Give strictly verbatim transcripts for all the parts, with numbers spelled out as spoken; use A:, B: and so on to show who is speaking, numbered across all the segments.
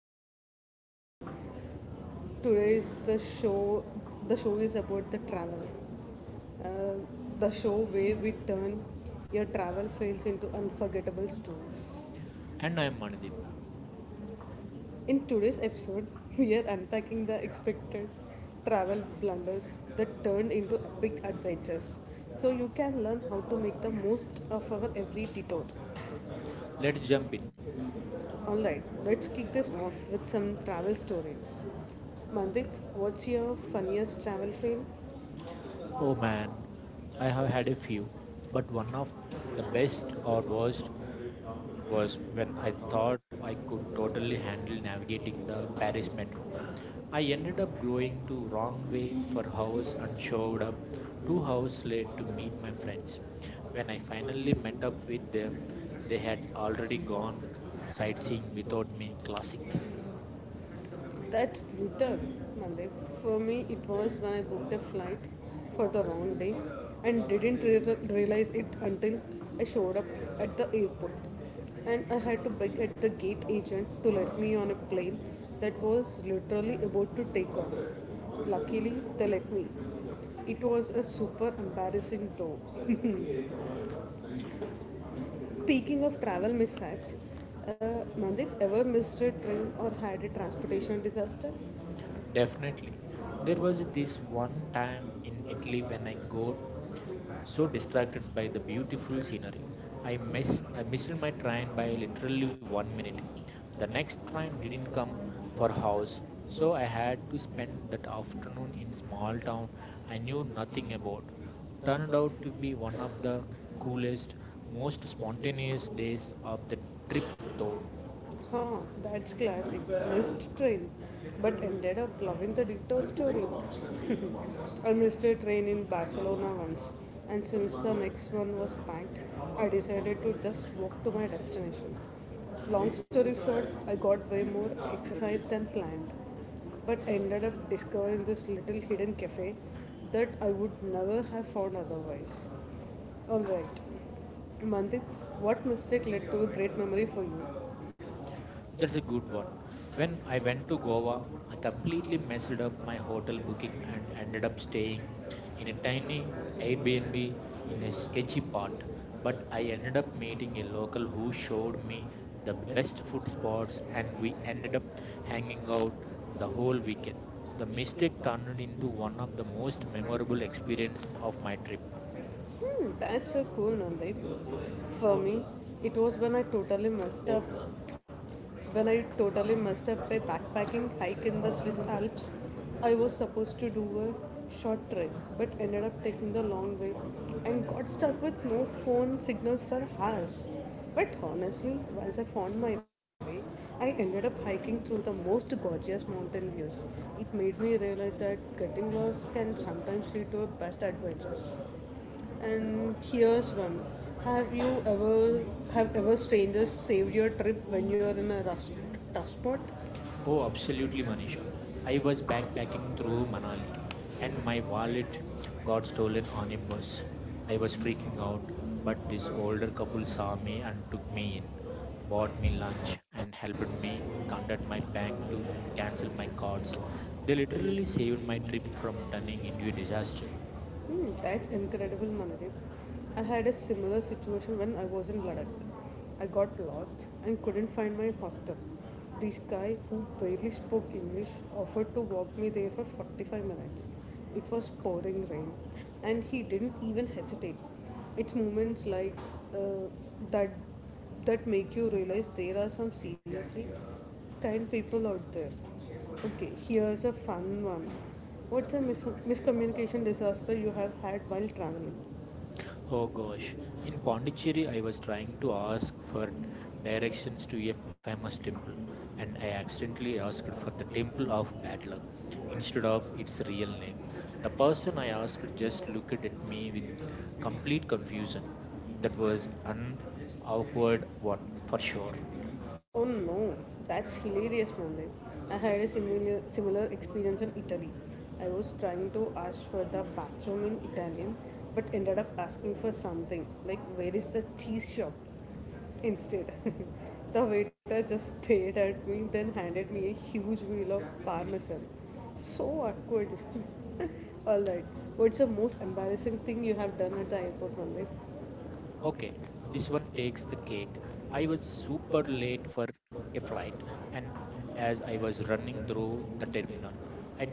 A: podcast. Today is the show. The show is about the travel. Uh, the show where we turn your travel fails into unforgettable stories.
B: And I'm Manideep.
A: In today's episode, we are unpacking the expected travel blunders that turned into epic adventures, so you can learn how to make the most of our every detour.
B: Let's jump in.
A: Alright, let's kick this off with some travel stories. Mandip, what's your funniest travel fail?
B: Oh man, I have had a few, but one of the best or worst was when I thought I could totally handle navigating the Paris metro. I ended up going to wrong way for hours and showed up two hours late to meet my friends. When I finally met up with them, they had already gone sightseeing without me. Classic.
A: That's brutal, Mandip. For me, it was when I booked a flight for the wrong day and didn't re- realize it until I showed up at the airport. And I had to beg at the gate agent to let me on a plane that was literally about to take off. Luckily, they let me. It was a super embarrassing though. Speaking of travel mishaps, uh, Mandip, ever missed a train or had a transportation disaster?
B: Definitely. There was this one time in
A: The
B: Italy when I
A: next
B: got so distracted by the beautiful scenery. I miss I missed my train by literally one minute. The next
A: one
B: train didn't come
A: when I come for
B: for
A: a house,
B: hours, so
A: so I
B: I
A: had
B: had to
A: to spend
B: spend
A: the
B: that
A: house in a
B: afternoon in a small
A: small
B: town
A: town
B: I
A: I knew
B: knew
A: nothing
B: nothing about.
A: about. Turned
B: Turned
A: out
B: out
A: to
B: to be
A: be one of
B: one of the
A: the coolest,
B: coolest,
A: most
B: most
A: spontaneous
B: spontaneous
A: days
B: days of the
A: of
B: trip
A: the.
B: though.
A: Huh, that's classic. Missed train, but ended up loving the detour story. I missed a train in Barcelona once, and since the next one was packed, I decided to just walk to my destination. Long story short, I got way more exercise than planned, but ended up discovering this little hidden cafe that I would never have found otherwise. Alright, Mandip, what mistake led to a great memory for you? That's.
B: That's a good one. When
A: When
B: I
A: I went
B: went
A: to
B: to
A: Goa,
B: Goa, I completely
A: completely
B: messed up
A: different
B: my
A: from my
B: hotel
A: place
B: booking and ended
A: that
B: up
A: I'm staying.
B: staying in a
A: The
B: tiny
A: state. The time they made me
B: Airbnb
A: a
B: in a
A: very
B: sketchy
A: sketchy
B: part.
A: one,
B: But
A: but
B: I
A: I
B: ended
A: ended
B: up
A: up meeting
B: meeting a
A: a
B: local
A: local
B: who
A: who showed
B: showed
A: me
B: me the
A: the best
B: best food
A: food spots
B: spots,
A: and we
B: and we ended
A: ended up
B: up
A: hanging
B: hanging
A: out
B: out
A: the
B: the
A: whole
B: whole
A: weekend.
B: weekend. The
A: Mistake
B: mistake
A: turned
B: turned
A: into
B: into
A: one
B: one
A: of
B: of the
A: the most
B: most
A: memorable
B: memorable experiences
A: experiences.
B: of my trip.
A: Hmm, that's a cool Nandip. For me, it was when I totally messed up. When I totally messed up a backpacking hike in the Swiss Alps, I was supposed to do a short trek but ended up taking the long way and got stuck with no phone signal for hours. But honestly, once I found my way, I ended up hiking through the most gorgeous mountain views. It made me realize that getting lost can sometimes lead to the best adventures. And here's one. Have you ever have ever strangers saved your trip when you're in a rough, tough spot?
B: Oh, absolutely, Manisha. I was backpacking through Manali and my wallet got stolen on a bus. I was freaking out, but this older couple saw me and took me in, bought me lunch, and helped me contact my bank to cancel my cards. They
A: They literally
B: literally saved
A: saved
B: my
A: my
B: trip
A: trip
B: from
A: from easy
B: turning into a disaster.
A: to. Hmm, that's incredible, Manadev. I had a similar situation when I was in Ladakh. I got lost and couldn't find my hostel. This guy who barely spoke English offered to walk me there for forty-five minutes. It was pouring rain, and he didn't even hesitate. It's moments like uh, that that make you realize there are some seriously kind people out there. Okay, here's a fun one. What's a mis- miscommunication disaster you have had while traveling?
B: Oh
A: Oh gosh,
B: gosh, in Pondicherry,
A: Pondicherry, I
B: I was
A: was trying
B: trying
A: to
B: to
A: ask
B: ask
A: for
B: for
A: directions
B: directions
A: to
B: to a
A: a famous
B: famous temple,
A: temple,
B: and
A: and
B: I
A: I absolutely
B: accidentally
A: asked for
B: asked for the
A: the
B: Temple
A: temple of
B: of Bad
A: Apple
B: Luck
A: instead
B: instead
A: of
B: of
A: its.
B: its
A: The
B: real name. The
A: person
B: person I
A: I
B: asked
A: asked
B: just looked at me with complete
A: misinterpreted my
B: confusion.
A: complete
B: That was
A: confusion.
B: an
A: It was an
B: awkward
A: awkward
B: one
A: one
B: for
A: for
B: sure.
A: sure. Oh no, that's hilarious, Monday. I had a similar, similar experience in Italy. I was trying to ask for the bathroom in Italian, but ended up asking for something like, "Where is the cheese shop?" instead. The waiter just stared at me, then handed me a huge wheel of parmesan. So awkward. Alright, what's the most embarrassing thing you have done at the airport, Randeep? Okay,
B: Okay, this
A: this one
B: one takes
A: takes
B: the
A: the cake.
B: cake.
A: I
B: I was
A: was
B: super
A: super late
B: late for
A: for the
B: a flight,
A: flight, and
B: and
A: as
B: as I
A: I was
B: was
A: running
B: running
A: to
B: through
A: the
B: the
A: hotel,
B: terminal, I
A: I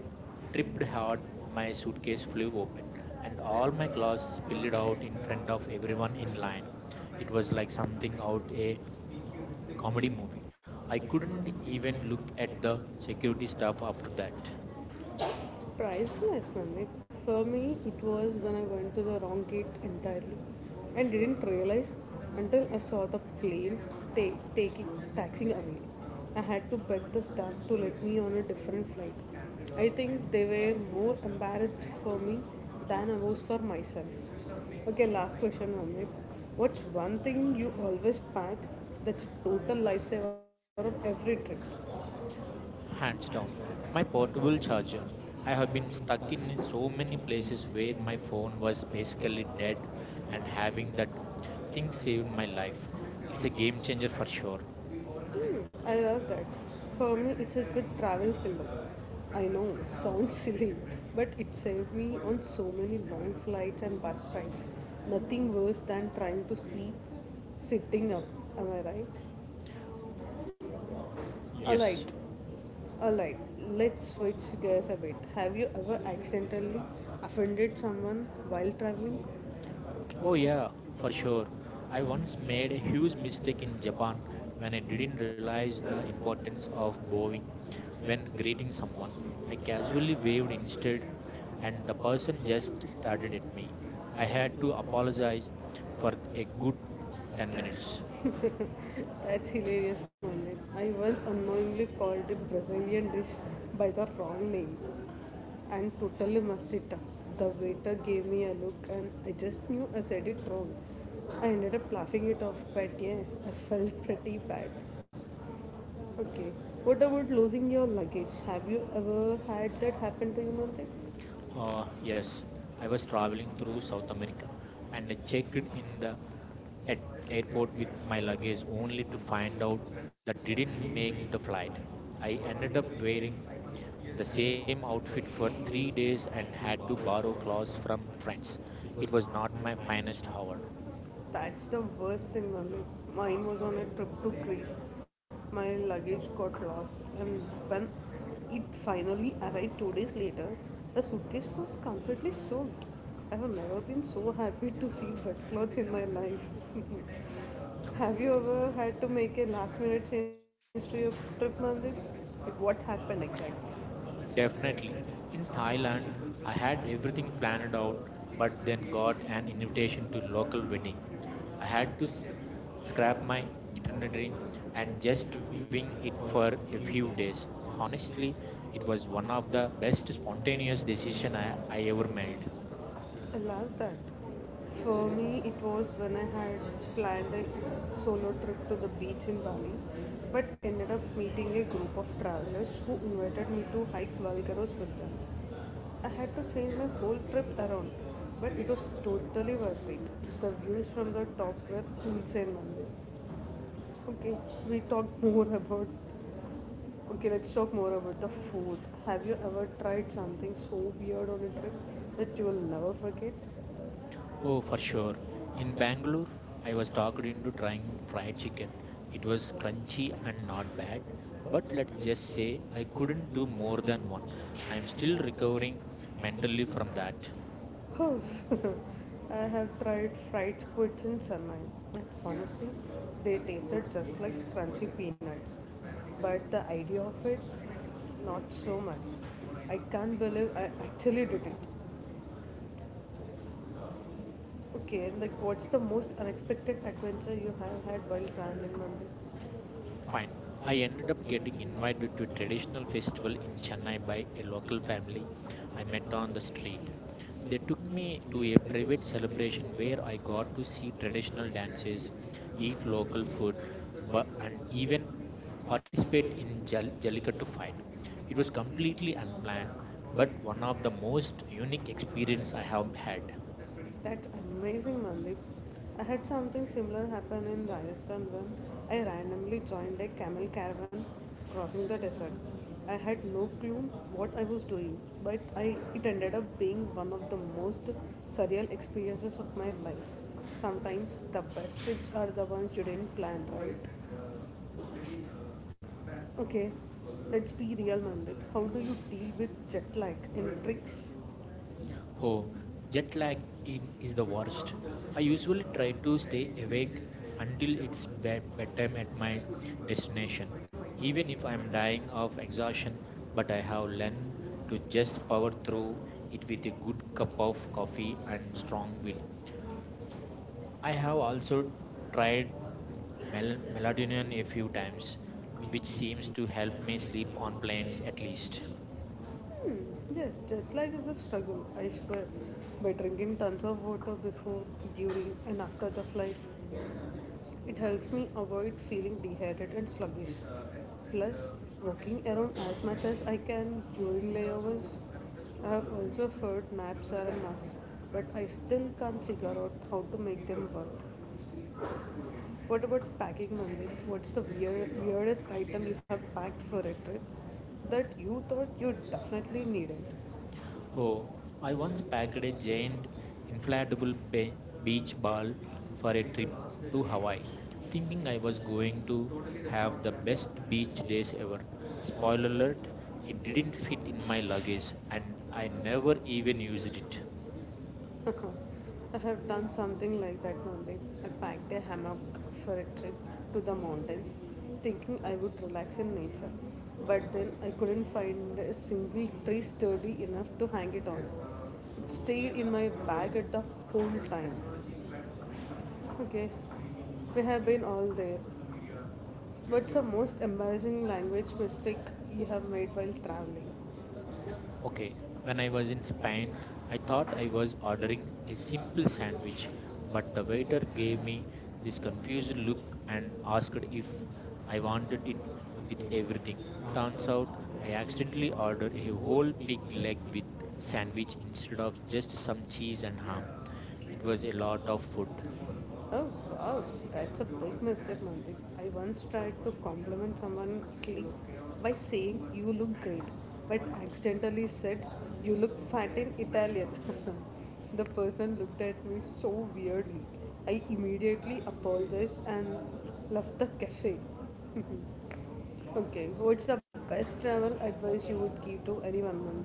B: tripped
A: tripped
B: hard,
A: on
B: my
A: my suitcase
B: suitcase
A: flip
B: flew open,
A: over. All
B: and
A: that
B: all
A: was
B: my clothes
A: spilled
B: spilled
A: out in
B: out
A: of
B: in front of everyone
A: everyone
B: in
A: in
B: line.
A: line.
B: It
A: It was
B: was like
A: like something
B: something
A: out
B: out
A: of
B: a
A: a
B: comedy
A: comedy.
B: movie.
A: I
B: I
A: couldn't
B: couldn't
A: even
B: even
A: look
B: look
A: at
B: at
A: the
B: the
A: security
B: security
A: staff
B: staff
A: after
B: after that.
A: that. It's priceless, man. Like, for me, it was when I went to the wrong gate entirely and didn't realize until I saw the plane ta- taking taxing away. I had to beg the staff to let me on a different flight. I think they were more embarrassed for me than I was for myself. Okay, last question, Vandit. What's one thing you always pack that's a total lifesaver on every trip? And
B: Hands
A: so
B: down,
A: my
B: my portable
A: confusion starts.
B: charger.
A: I
B: I
A: have
B: have
A: been
B: been stuck
A: searching
B: in
A: so
B: so
A: many
B: many
A: places
B: places where
A: where my
B: my
A: phone
B: phone
A: was
B: was basically
A: misspelled dead,
B: dead, and
A: and having
B: having that
A: that
B: thing
A: thing
B: saved
A: saved
B: my
A: my
B: life.
A: life.
B: It's
A: It's
B: a
A: a game
B: game changer
A: changer
B: for
A: for
B: sure.
A: sure. Hmm, I love that. For me, it's a good travel pillow. I know, sounds silly, but it saved me on so many long flights and bus rides. Nothing worse than trying to sleep sitting up, am I right? Yes.
B: Yes.
A: Alright, alright. Let's switch gears a bit. Have you ever accidentally offended someone while traveling? Oh
B: Oh,
A: yeah,
B: yeah,
A: for
B: for
A: sure.
B: sure.
A: I
B: I
A: once
B: once
A: made
B: made a
A: a huge
B: huge
A: mistake
B: mistake
A: in
B: in
A: Japan
B: Japan
A: bathroom and
B: when I
A: I didn't
B: didn't realize
A: realize the
B: the
A: importance
B: importance
A: of
B: of
A: moving.
B: bowing
A: When
B: when
A: greeting
B: greeting
A: someone,
B: someone.
A: I
B: I casually
A: casually waved
B: waved
A: my
B: instead,
A: shoulder and
B: and
A: the
B: the
A: person
B: person
A: just
B: just stared
A: smiled,
B: at me.
A: I
B: I had
A: had to
B: to
A: apologize
B: apologize
A: for
B: for
A: a
B: a good
A: good
B: ten minutes.
A: five. That's hilarious, Mandeep. I once unknowingly called a Brazilian dish by the wrong name and totally messed it up. The waiter gave me a look and I just knew I said it wrong. I ended up laughing it off, but yeah, I felt pretty bad. Okay. What about losing your luggage? Have you ever had that happen to you, Mantik? Uh,
B: Uh,
A: yes,
B: yes, I
A: I was
B: was
A: traveling
B: traveling
A: to
B: through South
A: Sofia
B: America
A: and
B: and
A: I
B: I
A: checked
B: checked
A: it on
B: in
A: the
B: the at
A: at airport
B: airport with
A: with my
B: my
A: luggage
B: luggage
A: only
B: only
A: to
B: to
A: find
B: find
A: out
B: out
A: that
B: that
A: I didn't
B: didn't
A: make
B: make
A: the
B: the
A: flight.
B: flight.
A: I
B: I
A: ended up
B: ended up wearing
A: wearing the
B: the
A: same
B: same
A: outfit
B: outfit
A: for
B: for
A: three
B: three
A: days
B: days
A: and
B: and
A: had
B: had
A: to
B: to
A: borrow
B: borrow
A: clothes
B: clothes
A: from
B: from
A: friends.
B: friends.
A: It
B: It
A: was
B: was
A: not
B: not
A: my
B: my
A: finest
B: finest
A: moment.
B: hour.
A: That's the worst thing, Mummy. Mine was on a trip to Greece. My luggage got lost, and when it finally arrived two days later, the suitcase was completely soaked. I have never been so happy to see wet clothes in my life. Have you ever had to make a last minute change to your trip, Mummy? Like, what happened exactly?
B: Definitely. In
A: I
B: Thailand, I
A: had
B: had
A: everything
B: everything
A: planned
B: planned
A: out,
B: out, but
A: but
B: then
A: then got
B: got
A: an
B: an invitation to
A: invitation
B: local
A: to.
B: wedding. I
A: I had
B: had
A: to
B: to s-
A: scrap
B: scrap
A: my
B: my
A: holiday
B: itinerary
A: and
B: and
A: just
B: just
A: be
B: wing it
A: it for
B: for
A: a
B: a
A: few
B: few
A: days.
B: days.
A: Honestly,
B: Honestly,
A: it
B: it
A: was
B: was
A: one
B: one
A: of
B: of
A: the
B: the
A: best
B: best
A: spontaneous
B: spontaneous
A: decisions
B: decision I, I
A: I've ever
B: ever made.
A: made. I love that. For me, it was when I had planned a solo trip to the beach in Bali, but ended up meeting a group of travelers who invited me to hike Valgaros with them. I had to change my whole trip around, but it was totally worth it. The views from the top were insane. Nandi. Okay, we talked more about. Okay, let's talk more about the food. Have you ever tried something so weird on a trip that you will never forget? Oh,
B: Oh,
A: for
B: for
A: sure.
B: sure.
A: In
B: In
A: Bangalore,
B: Bangalore, I
A: I was
B: was talked
A: talking to
B: into trying
A: Bangalore fried
B: fried
A: chicken.
B: chicken. It
A: It was
B: was
A: crunchy
B: crunchy
A: and
B: and not
A: hard,
B: bad, but
A: but
B: let's
A: let's
B: just
A: say
B: say
A: I
B: I
A: couldn't
B: couldn't
A: do
B: do
A: more
B: more
A: than
B: than one.
A: one.
B: I
A: I'm
B: am still
A: still recovering
B: recovering
A: mentally
B: mentally
A: from
B: from that.
A: that. Oh, I have tried fried squids in Chennai. Honestly, they tasted just like crunchy peanuts. But the idea of it, not so much. I can't believe I actually did it. Okay, like what's the most unexpected adventure you have had while traveling, Mandir? Fine.
B: Fine.
A: I
B: I
A: ended
B: ended
A: up
B: up
A: getting
B: getting
A: invited
B: invited
A: to
B: to a
A: traditional
B: traditional
A: festival
B: festival
A: in
B: in
A: Chennai
B: Chennai
A: by
B: by
A: the
B: a
A: local
B: local family
A: family to
B: I met on the
A: McDonald's street.
B: street.
A: They
B: They
A: took
B: took
A: me
B: me
A: to
B: to
A: a
B: a
A: private
B: private
A: celebration
B: celebration
A: where I
B: where I
A: got
B: got
A: to
B: to
A: see
B: see
A: traditional
B: traditional
A: dances,
B: dances,
A: eat
B: eat
A: local
B: local
A: food,
B: food,
A: but
B: but, and
A: and even
B: even participate
A: participate in
B: in
A: Jal-
B: Jal-
A: Jallikattu
B: Jallikattu
A: fight.
B: fight.
A: It
B: It
A: was
B: was
A: completely
B: completely unplanned,
A: unplanned, but
B: but one
A: one
B: of
A: of
B: the
A: the most
B: most
A: unique
B: unique
A: experiences
B: experience
A: I
B: I
A: have
B: have had.
A: had. That's amazing, Mandeep. I had something similar happen in Rajasthan when I randomly joined a camel caravan crossing the desert. I had no clue what I was doing, but I, it ended up being one of the most surreal experiences of my life. Sometimes the best trips are the ones you didn't plan, right? Okay, let's be real, Mandeep. How do you deal with jet lag and tricks? So
B: Oh,
A: jet
B: jet
A: lag
B: lag in
A: is
B: is
A: the
B: the worst.
A: worst.
B: I
A: I usually
B: usually
A: try
B: try
A: to
B: to stay
A: sleep in
B: awake
A: minutes to
B: until it's
A: get
B: bed-
A: back
B: bedtime
A: to
B: at my
A: my destination,
B: destination,
A: even
B: even if
A: if I'm
B: I'm
A: dying
B: dying
A: of
B: of
A: exhaustion,
B: exhaustion.
A: but
B: But
A: I
B: I have
A: have left
B: learned to
A: with just
B: just
A: power
B: power
A: through
B: through it
A: with
B: with a good
A: a cup
B: cup
A: of
B: of
A: coffee
B: coffee
A: and
B: and
A: strong
B: strong will.
A: milk. I
B: I have
A: have
B: also
A: also tried
B: tried mel-
A: melatonin
B: melatonin a
A: a few
B: few
A: times,
B: times, which
A: which seems
B: seems
A: to
B: to help
A: help
B: me
A: me
B: sleep
A: sleep on
B: on
A: planes
B: planes
A: at
B: at
A: least.
B: least.
A: Hmm, yes, jet lag is a struggle, I swear. By drinking tons of water before, during, and after the flight, it helps me avoid feeling dehydrated and sluggish. Plus, walking around as much as I can during layovers. I have also heard naps are a must, but I still can't figure out how to make them work. What about packing, Monday? What's the weird, weirdest item you have packed for a trip that you thought you definitely needed? Oh,
B: Oh,
A: I
B: I
A: was
B: once
A: at
B: packed a
A: a giant
B: giant
A: flat in
B: inflatable
A: Bay
B: be-
A: Beach
B: beach
A: Bar
B: ball for
A: for a
B: a
A: drink
B: trip to
A: I
B: Hawaii, thinking I
A: was
B: was going to
A: going to
B: have
A: have
B: the
A: the
B: best
A: best
B: beach
A: beach days
B: days ever.
A: ever. All of
B: Spoiler
A: them
B: alert, it
A: it didn't
B: didn't
A: fit my
B: fit in my
A: luggage
B: luggage
A: and
B: and I
A: I
B: never
A: never
B: even
A: even used it.
B: used it.
A: I have done something like that only. I packed a hammock for a trip to the mountains, thinking I would relax in nature. But then I couldn't find a single tree sturdy enough to hang it on. It stayed in my bag at the whole time. Okay, we have been all there. What's the most embarrassing language mistake you have made while traveling? Okay,
B: Okay,
A: when
B: when
A: I
B: I
A: was
B: was
A: in
B: in
A: Spain,
B: Spain,
A: I
B: I
A: thought
B: thought
A: I
B: I
A: was
B: was
A: ordering
B: ordering
A: a
B: a
A: simple
B: simple
A: cereal,
B: sandwich,
A: but
B: but
A: the
B: the
A: waiter
B: waiter
A: gave
B: gave
A: me
B: me
A: this
B: this
A: confused
B: confused
A: look
B: look
A: and
B: and
A: asked
B: asked
A: me
B: if
A: if I
B: I
A: wanted
B: wanted
A: it
B: it
A: with
B: with
A: bacon.
B: everything.
A: Turns
B: Turns
A: out
B: out
A: I
B: I
A: accidentally
B: accidentally
A: ordered
B: ordered
A: a
B: a
A: whole
B: whole
A: pig
B: pig
A: leg
B: leg with
A: sandwich
B: sandwich
A: instead
B: instead
A: of
B: of just
A: just some
B: some
A: cheese
B: cheese and
A: and
B: ham.
A: ham.
B: It
A: It was
B: was a
A: a
B: lot
A: lot
B: of
A: of
B: food.
A: food. Oh wow, that's a big mistake, Mandik. I once tried to compliment someone cl- by saying you look great, but accidentally said you look fat in Italian. The person looked at me so weirdly. I immediately apologized and left the cafe. Okay, what's the best travel advice you would give to anyone, Mandik?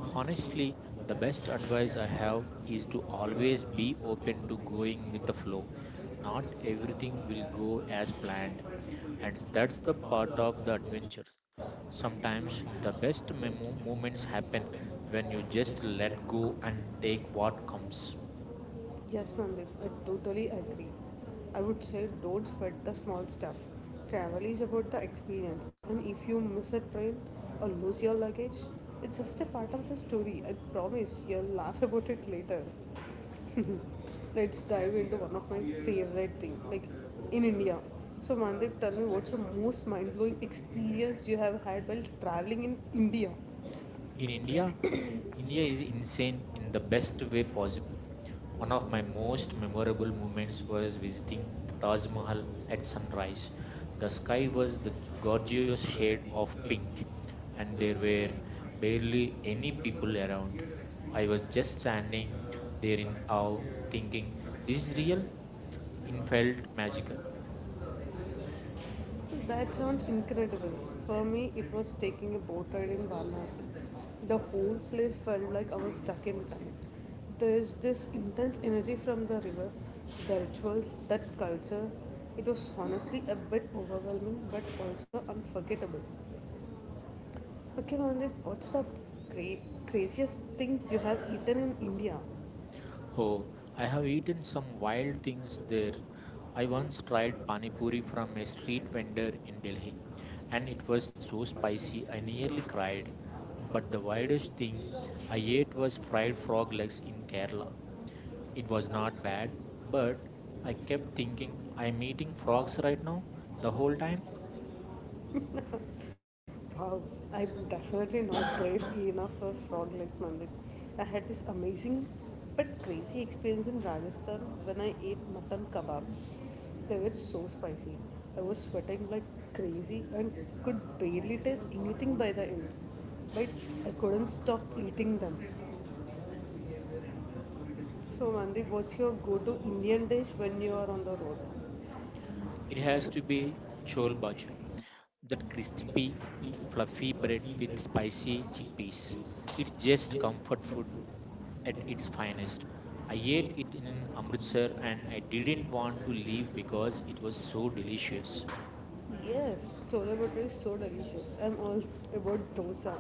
A: Honestly,
B: the
A: the best
B: best
A: place
B: advice
A: I
B: I
A: have
B: have is
A: is
B: to
A: always be open
B: always be open
A: to
B: to
A: doing
B: going with the
A: more
B: flow.
A: things.
B: Not
A: I don't
B: everything
A: really
B: will
A: as
B: go
A: planned, and
B: as planned and that's
A: that's
B: the
A: the
B: part
A: part
B: of
A: of the
B: the adventure.
A: adventure. Sometimes
B: Sometimes the
A: the
B: best
A: best
B: memo-
A: memo-
B: moments
A: moments
B: happen
A: happen
B: when
A: when
B: you
A: you just
B: just let
A: let go
B: go and
A: and take
B: take what
A: what comes.
B: comes.
A: Yes, Mandip, I totally agree. I would say don't sweat the small stuff. Travel is about the experience, and if you miss a train or lose your luggage, it's just a part of the story. I promise you'll laugh about it later. Let's dive into one of my favorite thing, like in India. So Mandip, tell me what's the most mind blowing experience you have had while traveling in India?
B: In
A: In India,
B: India,
A: India
B: India
A: you
B: is
A: can say
B: insane in the
A: the
B: best
A: best
B: way
A: way
B: possible.
A: possible.
B: One
A: One of
B: of my
A: my most
B: most memorable
A: memorable moments
B: moments
A: was
B: was
A: in
B: visiting the
A: Taj
B: Taj
A: Mahal
B: Mahal
A: at
B: at
A: sunrise.
B: sunrise. The
A: The sky
B: sky
A: was
B: was the
A: gorgeous
B: gorgeous shade
A: shade of
B: of
A: pink
B: pink, and
A: and there
B: there
A: were
B: were barely
A: barely any
B: any
A: people
B: people
A: around.
B: around.
A: I
B: I was
A: was
B: just
A: just standing
B: standing
A: there
B: there
A: in
B: in
A: awe
B: awe, thinking,
A: thinking,
B: this
A: this
B: is
A: year
B: real?
A: I
B: It
A: felt
B: felt magical.
A: magical. That sounds incredible. For me, it was taking a boat ride in Varanasi. The whole place felt like I was stuck in time. There is this intense energy from the river, the rituals, that culture. It was honestly a bit overwhelming but also unforgettable. Okay, Mandeep, what's the cra- craziest thing you have eaten in India?
B: Oh, I
A: But
B: have eaten
A: I
B: some wild things there. I once tried pani puri from a street vendor in Delhi, and it was so spicy I nearly cried. But the wildest thing I ate was fried frog legs in Kerala. It was not bad, but I
A: kept
B: kept
A: thinking,
B: thinking
A: I
B: I'm
A: mean,
B: eating frogs
A: faster,
B: right now the
A: the whole
B: whole
A: thing.
B: time.
A: Wow, I'm definitely not brave enough for frog legs, Mandir. I had this amazing but crazy experience in Rajasthan when I ate mutton kebabs. They were so spicy. I was sweating like crazy and could barely taste anything by the end. But I couldn't stop eating them. So, Mandir, what's your go to Indian dish when you are on the road?
B: It
A: We
B: has
A: had
B: to
A: great
B: be chole
A: chole
B: bhaju,
A: bhature
B: that
A: we eat
B: crispy,
A: uh,
B: fluffy
A: we
B: bread
A: bread
B: with
A: with spicy
B: spicy
A: cakes.
B: chickpeas. It's
A: It gets
B: just
A: from
B: comfort food
A: food
B: at
A: and it
B: its
A: finds.
B: finest. I
A: I
B: ate
A: ate
B: it in
A: and
B: Amritsar and I
A: did it
B: didn't
A: on a
B: want to
A: plate
B: leave because
A: because
B: it
A: it
B: was
A: was
B: so
A: so
B: delicious.
A: delicious. Yes, chole bhature is so delicious. I'm all about dosa,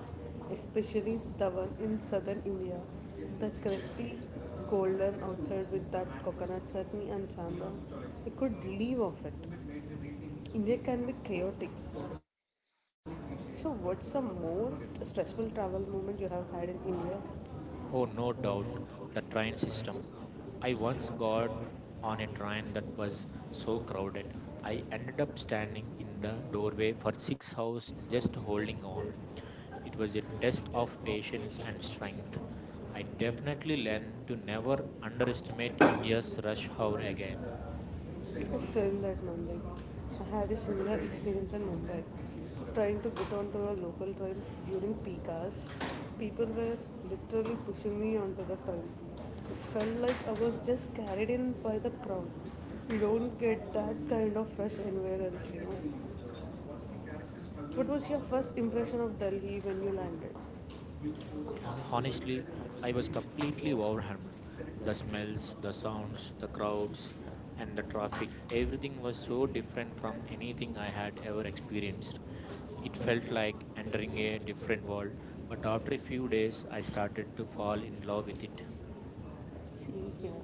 A: especially the one in southern India. The crispy, golden outside with that coconut chutney and sambar. I could live off it. India can be chaotic. So, what's the most stressful travel moment you have had in India? Oh,
B: Oh, no doubt,
A: no
B: the train system. I once got on a train that was so
A: so
B: crowded. I ended up standing in the doorway for six hours just holding on. It was a test of patience and strength. I definitely learned to never underestimate India's rush hour again.
A: film that Mumbai. I had a similar experience in Mumbai. Trying to get onto a local train during peak hours, people were literally pushing me onto the train. It felt like I was just carried in by the crowd. You don't get that kind of rush anywhere else, you know. What was your first impression of Delhi when you landed?
B: Honestly, I was completely overwhelmed. The smells, the sounds, the crowds, and the traffic, everything was so different from anything I had ever experienced. It felt like entering a different world, but after a few days, I started to fall in love with it.
A: See here,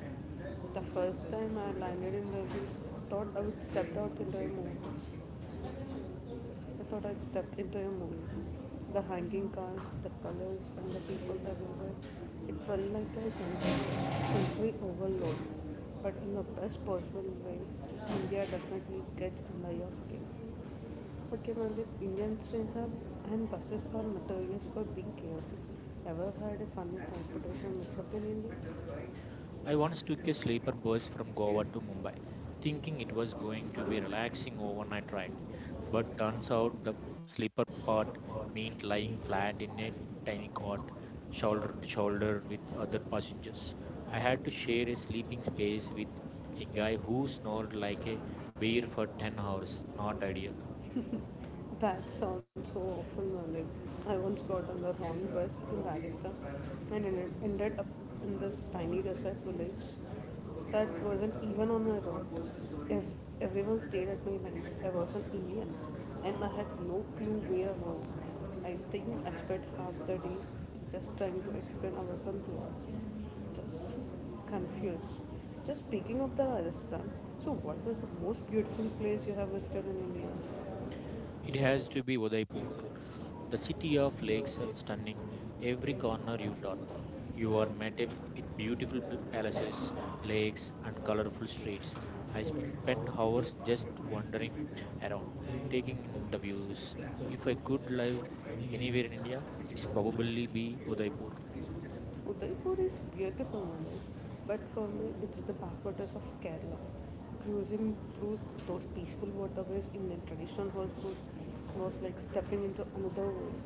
A: the first time I landed in the beach, thought I would step out into a movie. I thought I stepped into a movie. The hanging cars, the colors, and the people everywhere. It felt like a sensory overload, but in the best possible way. India definitely gets under your skin. Okay, Mandeep, Indian trains are and buses are notorious for being chaotic. Ever had a funny transportation mix-up in India?
B: I once took a sleeper bus from Goa to Mumbai, thinking it was going to be a relaxing overnight ride. But turns out the sleeper part meant lying flat in a tiny cot, shoulder to shoulder with other passengers. I had to share a sleeping space with a guy who snored like a bear for ten hours. Not ideal.
A: That sounds so awful, Mummy. I once got on the wrong bus in Rajasthan and ended, ended up in this tiny desert village that wasn't even on my route. If everyone stared at me like I was an alien and I had no clue where I was. I think I spent half the day just trying to explain I wasn't lost. Just confused. Just speaking of the Rajasthan, so what was the most beautiful place you have visited in India?
B: It
A: It has
B: has to
A: to
B: be
A: be
B: Udaipur.
A: the
B: The
A: recipe
B: city
A: of
B: of
A: breaks
B: lakes
A: and
B: and
A: coding.
B: stunning, every
A: Every
B: corner you turn.
A: contributor,
B: You
A: your
B: are met ab- with beautiful pl-
A: beautiful
B: palaces,
A: breaks,
B: lakes, and
A: our
B: colorful streets. I
A: sleep,
B: spend
A: respect our
B: hours
A: taste,
B: just wandering around,
A: playing
B: taking
A: and
B: in the views.
A: hobbies. So
B: If I
A: go to
B: could live
A: the
B: anywhere
A: anywhere,
B: in India, it's
A: so only
B: probably be Udaipur.
A: people. Udaipur is beautiful, Manu, but for me, it's the backwaters of Kerala. Cruising through those peaceful waterways in a traditional houseboat was like stepping into another world.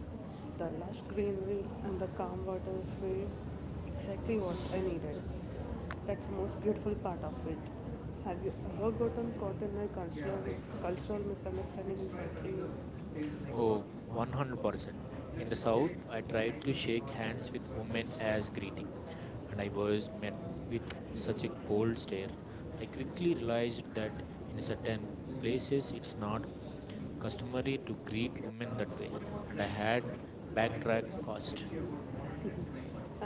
A: The lush greenery and the calm waters were exactly what I needed. That's the most beautiful part of it. Have you ever gotten caught in a cultural, cultural misunderstanding in South
B: Oh, one hundred percent. In the south, I tried to shake hands with women as greeting, and I was met with such a cold stare. I quickly realized that in certain places it's not customary to greet women that way, and I had backtracked fast.
A: Thank you.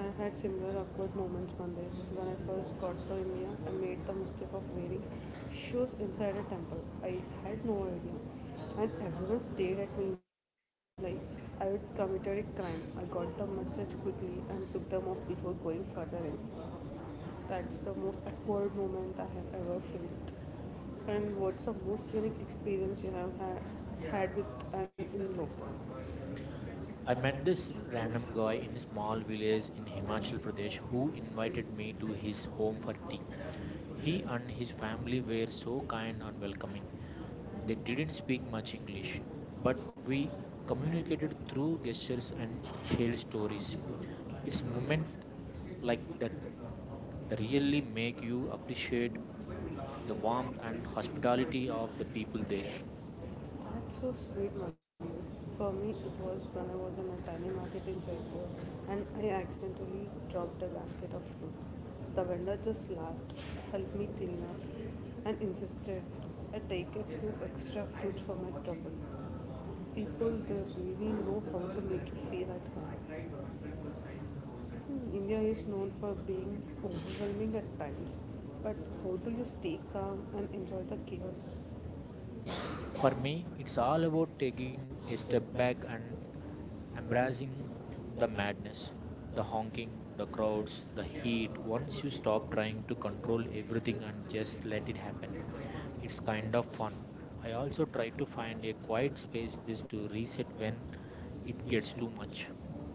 A: I've had similar awkward moments one when I first got to India, I made the mistake of wearing shoes inside a temple. I had no idea, and everyone stared at me like I had committed a crime. I got the message quickly and took them off before going further in. That's the most awkward moment I have ever faced. And what's the most unique experience you have had, had with an in-law?
B: I met this random guy in a small village in Himachal Pradesh who invited me to his home for tea. He and his family were so kind and welcoming. They didn't speak much English, but we communicated through gestures and shared stories. It's moment like that that really make you appreciate the warmth and hospitality
A: Thank
B: of the people there.
A: you. That's so sweet, mommy. For me, it was when I was in a tiny market in Jaipur and I accidentally dropped a basket of fruit. The vendor just laughed, helped me clean up, and insisted I take a few extra fruits for my trouble. People, they really know how to make you feel at home. Hmm, India is known for being overwhelming at times, but how do you stay calm and enjoy the chaos?
B: For me, it's all about taking a step back and embracing the madness, the honking, the crowds, the heat. Once you stop trying to control everything and just let it happen, it's kind of fun. I also try to find a quiet spaces to reset when it gets too much.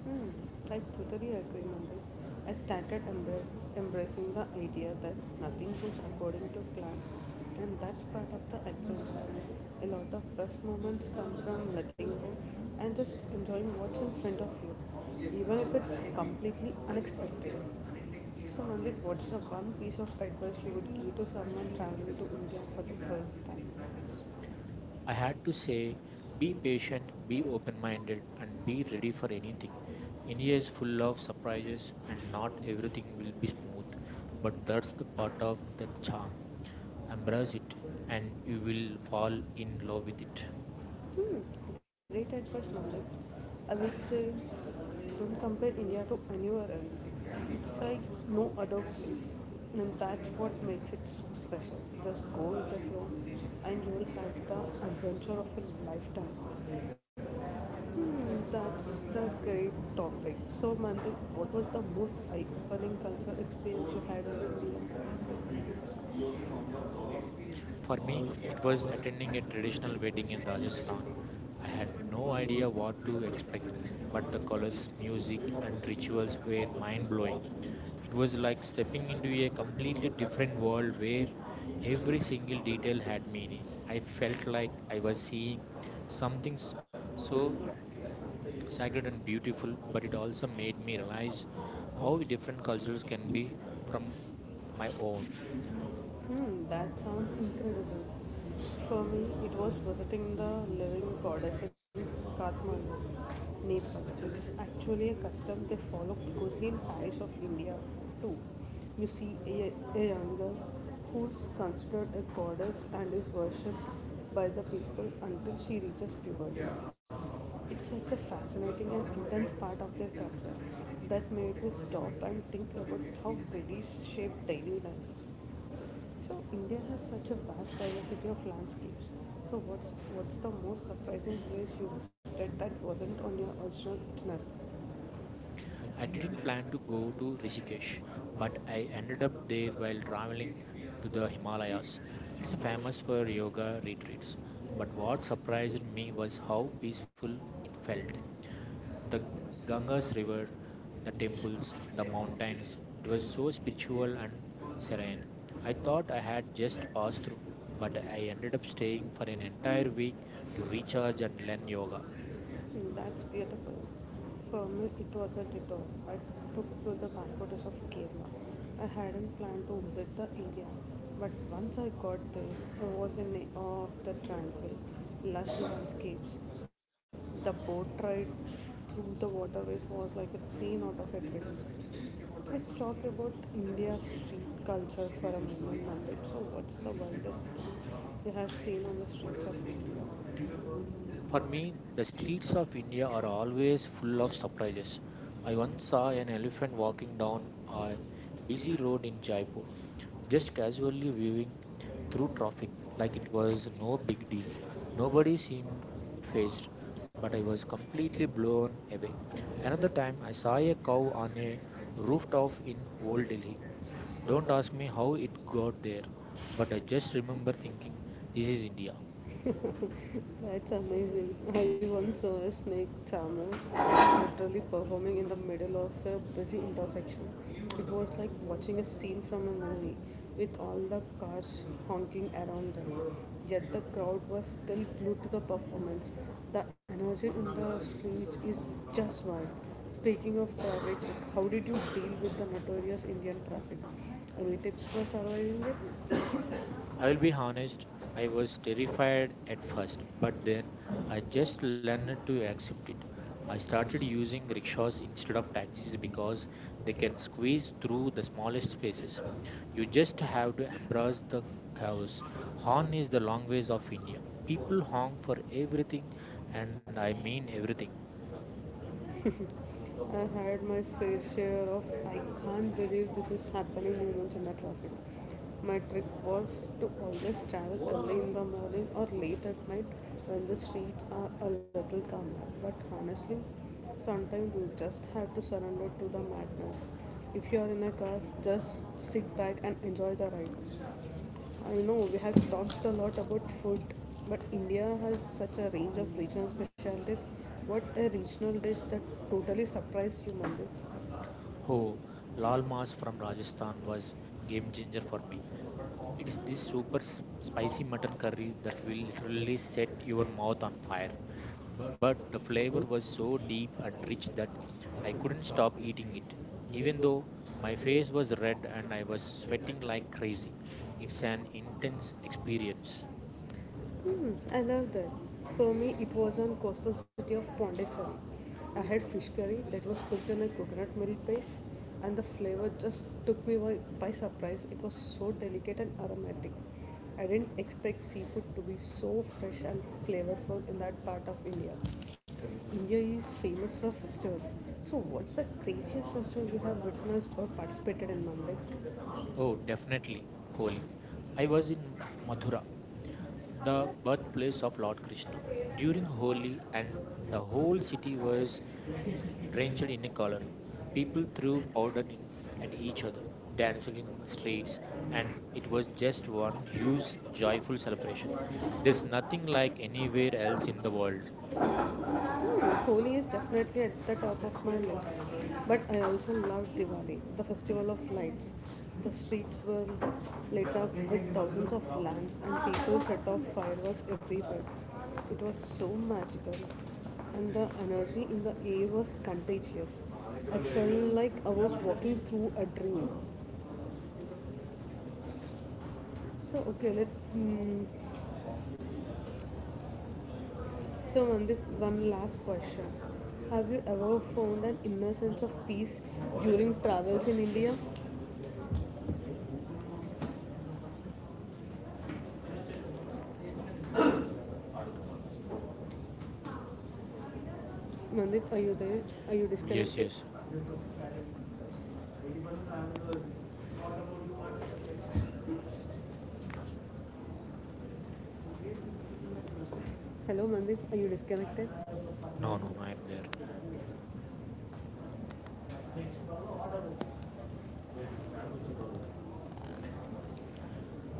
A: Hmm, I totally agree, Mandir. I started embrace, embracing the idea that nothing goes according to plan and that's part of the adventure. A lot of best moments come from letting go and just enjoying what's in front of you, even if it's completely unexpected. So, Mandit, what's the one piece of advice you would give to someone traveling to India for the first time?
B: I had to say, be patient, be open minded, and be ready for anything. India is full of surprises, and not everything will be smooth, but that's the part of the charm. Embrace it, and you will fall in love with it.
A: Hmm, great advice, Malik. I would say don't compare India to anywhere else. It's like no other place. And that's what makes it so special. Just go with the flow and you will have the adventure of a lifetime. Hmm, that's a great topic. So, Mandip, what was the most eye-opening culture experience you had in
B: For me,
A: India?
B: it was attending a traditional wedding in Rajasthan. I had no idea what to expect, but the colors, music, and rituals were mind blowing.
A: Thank
B: It was like stepping into a completely different world where every single detail had meaning. I felt like I was seeing something s- so sacred and beautiful, but it also made me realize how different cultures can be from my own.
A: you. Hmm, that sounds incredible. For me, it was visiting the living goddess in Kathmandu, Nepal. It's actually a custom they follow closely in Paris of India too. You see a, a young girl who's considered a goddess and is worshipped by the people until she reaches puberty. It's such a fascinating and intense part of their culture that made me stop and think about how beliefs shape daily life. So India has such a vast diversity of landscapes. So what's what's the most surprising place you visited that wasn't on your original itinerary?
B: I didn't plan to go to Rishikesh, but I ended up there while traveling to the Himalayas. It's famous for yoga retreats, but what surprised me was how peaceful it felt. The Ganges River, the temples,
A: Rashid.
B: the mountains, it was so spiritual and serene. I thought I had just passed through, but I ended up staying for an entire week to recharge and learn yoga.
A: Mm, that's beautiful. For me, it was a detour. I took to the backwaters of Kerala. I hadn't planned to visit the area, but once I got there, I was in awe of the tranquil, lush landscapes. The boat ride through the waterways was like a scene out of a dream. Let's talk about India's street culture for a moment, Nandip. So, what's the wildest thing you have seen on the streets of India?
B: For me, the streets of India are always full of surprises. I once saw an elephant walking down a busy road in Jaipur, just casually viewing through traffic like it
A: Thank
B: was no big deal. Nobody seemed phased, but I was completely blown away. Another time, I saw a cow on a rooftop in Old Delhi. Don't ask me how it got there, but I just remember thinking, this is
A: you.
B: India.
A: That's amazing. I once saw a snake charmer literally performing in the middle of a busy intersection. It was like watching a scene from a movie with all the cars honking around them. Yet the crowd was still glued to the performance. The energy in the streets is just wild. Speaking of traffic, how did you deal with the notorious Indian traffic? Any tips for surviving it?
B: I will be honest, I was terrified at first, but then I just learned to accept it. I started using rickshaws instead of taxis because they can squeeze through the smallest spaces. You just have to embrace the chaos.
A: All
B: Horn is the
A: the
B: language of
A: companies
B: India. People honk for everything, and I
A: are.
B: mean everything.
A: I had my fair share of I can't believe this is happening moments in the traffic. My trick was to always travel early in the morning or late at night when the streets are a little calmer. But honestly, sometimes you just have to surrender to the madness. If you are in a car, just sit back and enjoy the ride. I know we have talked a lot about food, but India has such a range of regional specialties. What a regional dish that totally surprised you, Mandir.
B: Oh, Lal Mas from Rajasthan was game changer for me. It's this super s- spicy mutton curry that will literally set your mouth on fire. But the flavor was so deep and rich that I couldn't stop eating it, even though my face was red and I was sweating like crazy. It's an intense experience.
A: Hmm, I love that. For me, it was on coastal city of Pondicherry. I had fish curry that was cooked in a coconut milk base, and the flavor just took me by, by surprise. It was so delicate and aromatic. I didn't expect seafood to be so fresh and flavorful in that part of India. India is famous for festivals. So, what's the craziest festival you have witnessed or participated in Mumbai?
B: Oh, definitely Holi. I was in Mathura, the birthplace of Lord Krishna, during Holi, and the whole city was drenched in a color. People threw powder in, at each other,
A: Yeah.
B: danced in streets, and it was just one huge, joyful celebration. There's nothing like anywhere else in the world.
A: Holi is definitely at the top of my list, but I also love Diwali, the festival of lights. The streets were lit up with thousands of lamps and people set off fireworks everywhere. It was so magical, and the energy in the air was contagious. I felt like I was walking through a dream. So okay, let mm, so, Mandip, one last question. Have you ever found an inner sense of peace during travels in India? Mandip, are you there? Are you
B: Yes,
A: disconnected?
B: yes.
A: Hello, Mandip, are you disconnected? No.
B: No, no, no, I'm there.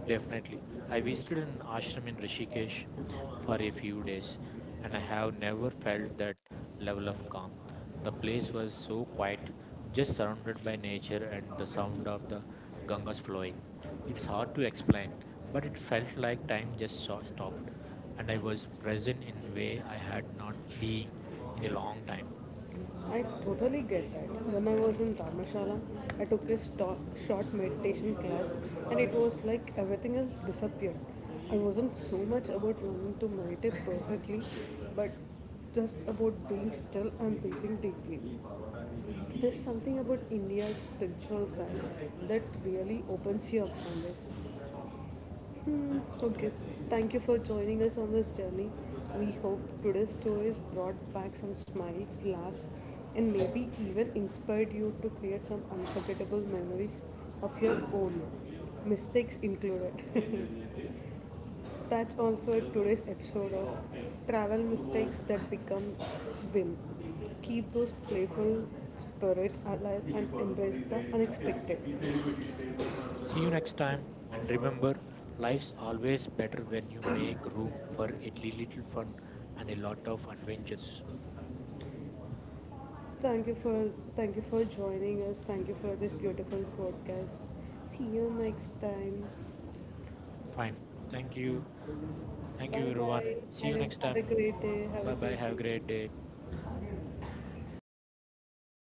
B: Definitely. I visited an ashram in Rishikesh for a few days and I have never felt that level of calm. The place was so quiet, just surrounded by nature and the sound of the Ganga's flowing. It's hard to explain, but it felt like time just so- stopped and I was present in a way I had not been in a long
A: I
B: time.
A: I totally get that. When I was in Dharmashala, I took a sto- short meditation class and it was like everything else disappeared. I wasn't so much about learning to meditate perfectly, but just about being still and breathing deeply. There's something about India's spiritual side that really opens you up somewhere. Hmm, okay, thank you for joining us on this journey. We hope today's stories brought back some smiles, laughs, and maybe even inspired you to create some unforgettable memories of your own, mistakes included. That's all for today's episode of Travel Mistakes That Become Win. Keep those playful spirits alive and embrace the unexpected.
B: See you next time, and remember, life's always better when you make room for a li- little fun and a lot of adventures.
A: Thank you for thank you for joining us. Thank you for this beautiful podcast. See you next time. Bye
B: Fine. Thank you. Thank
A: bye.
B: you, everyone. See
A: Have
B: you
A: a
B: next
A: have a
B: time.
A: great day. Have a
B: Bye bye.
A: great
B: Have a great day.
A: day.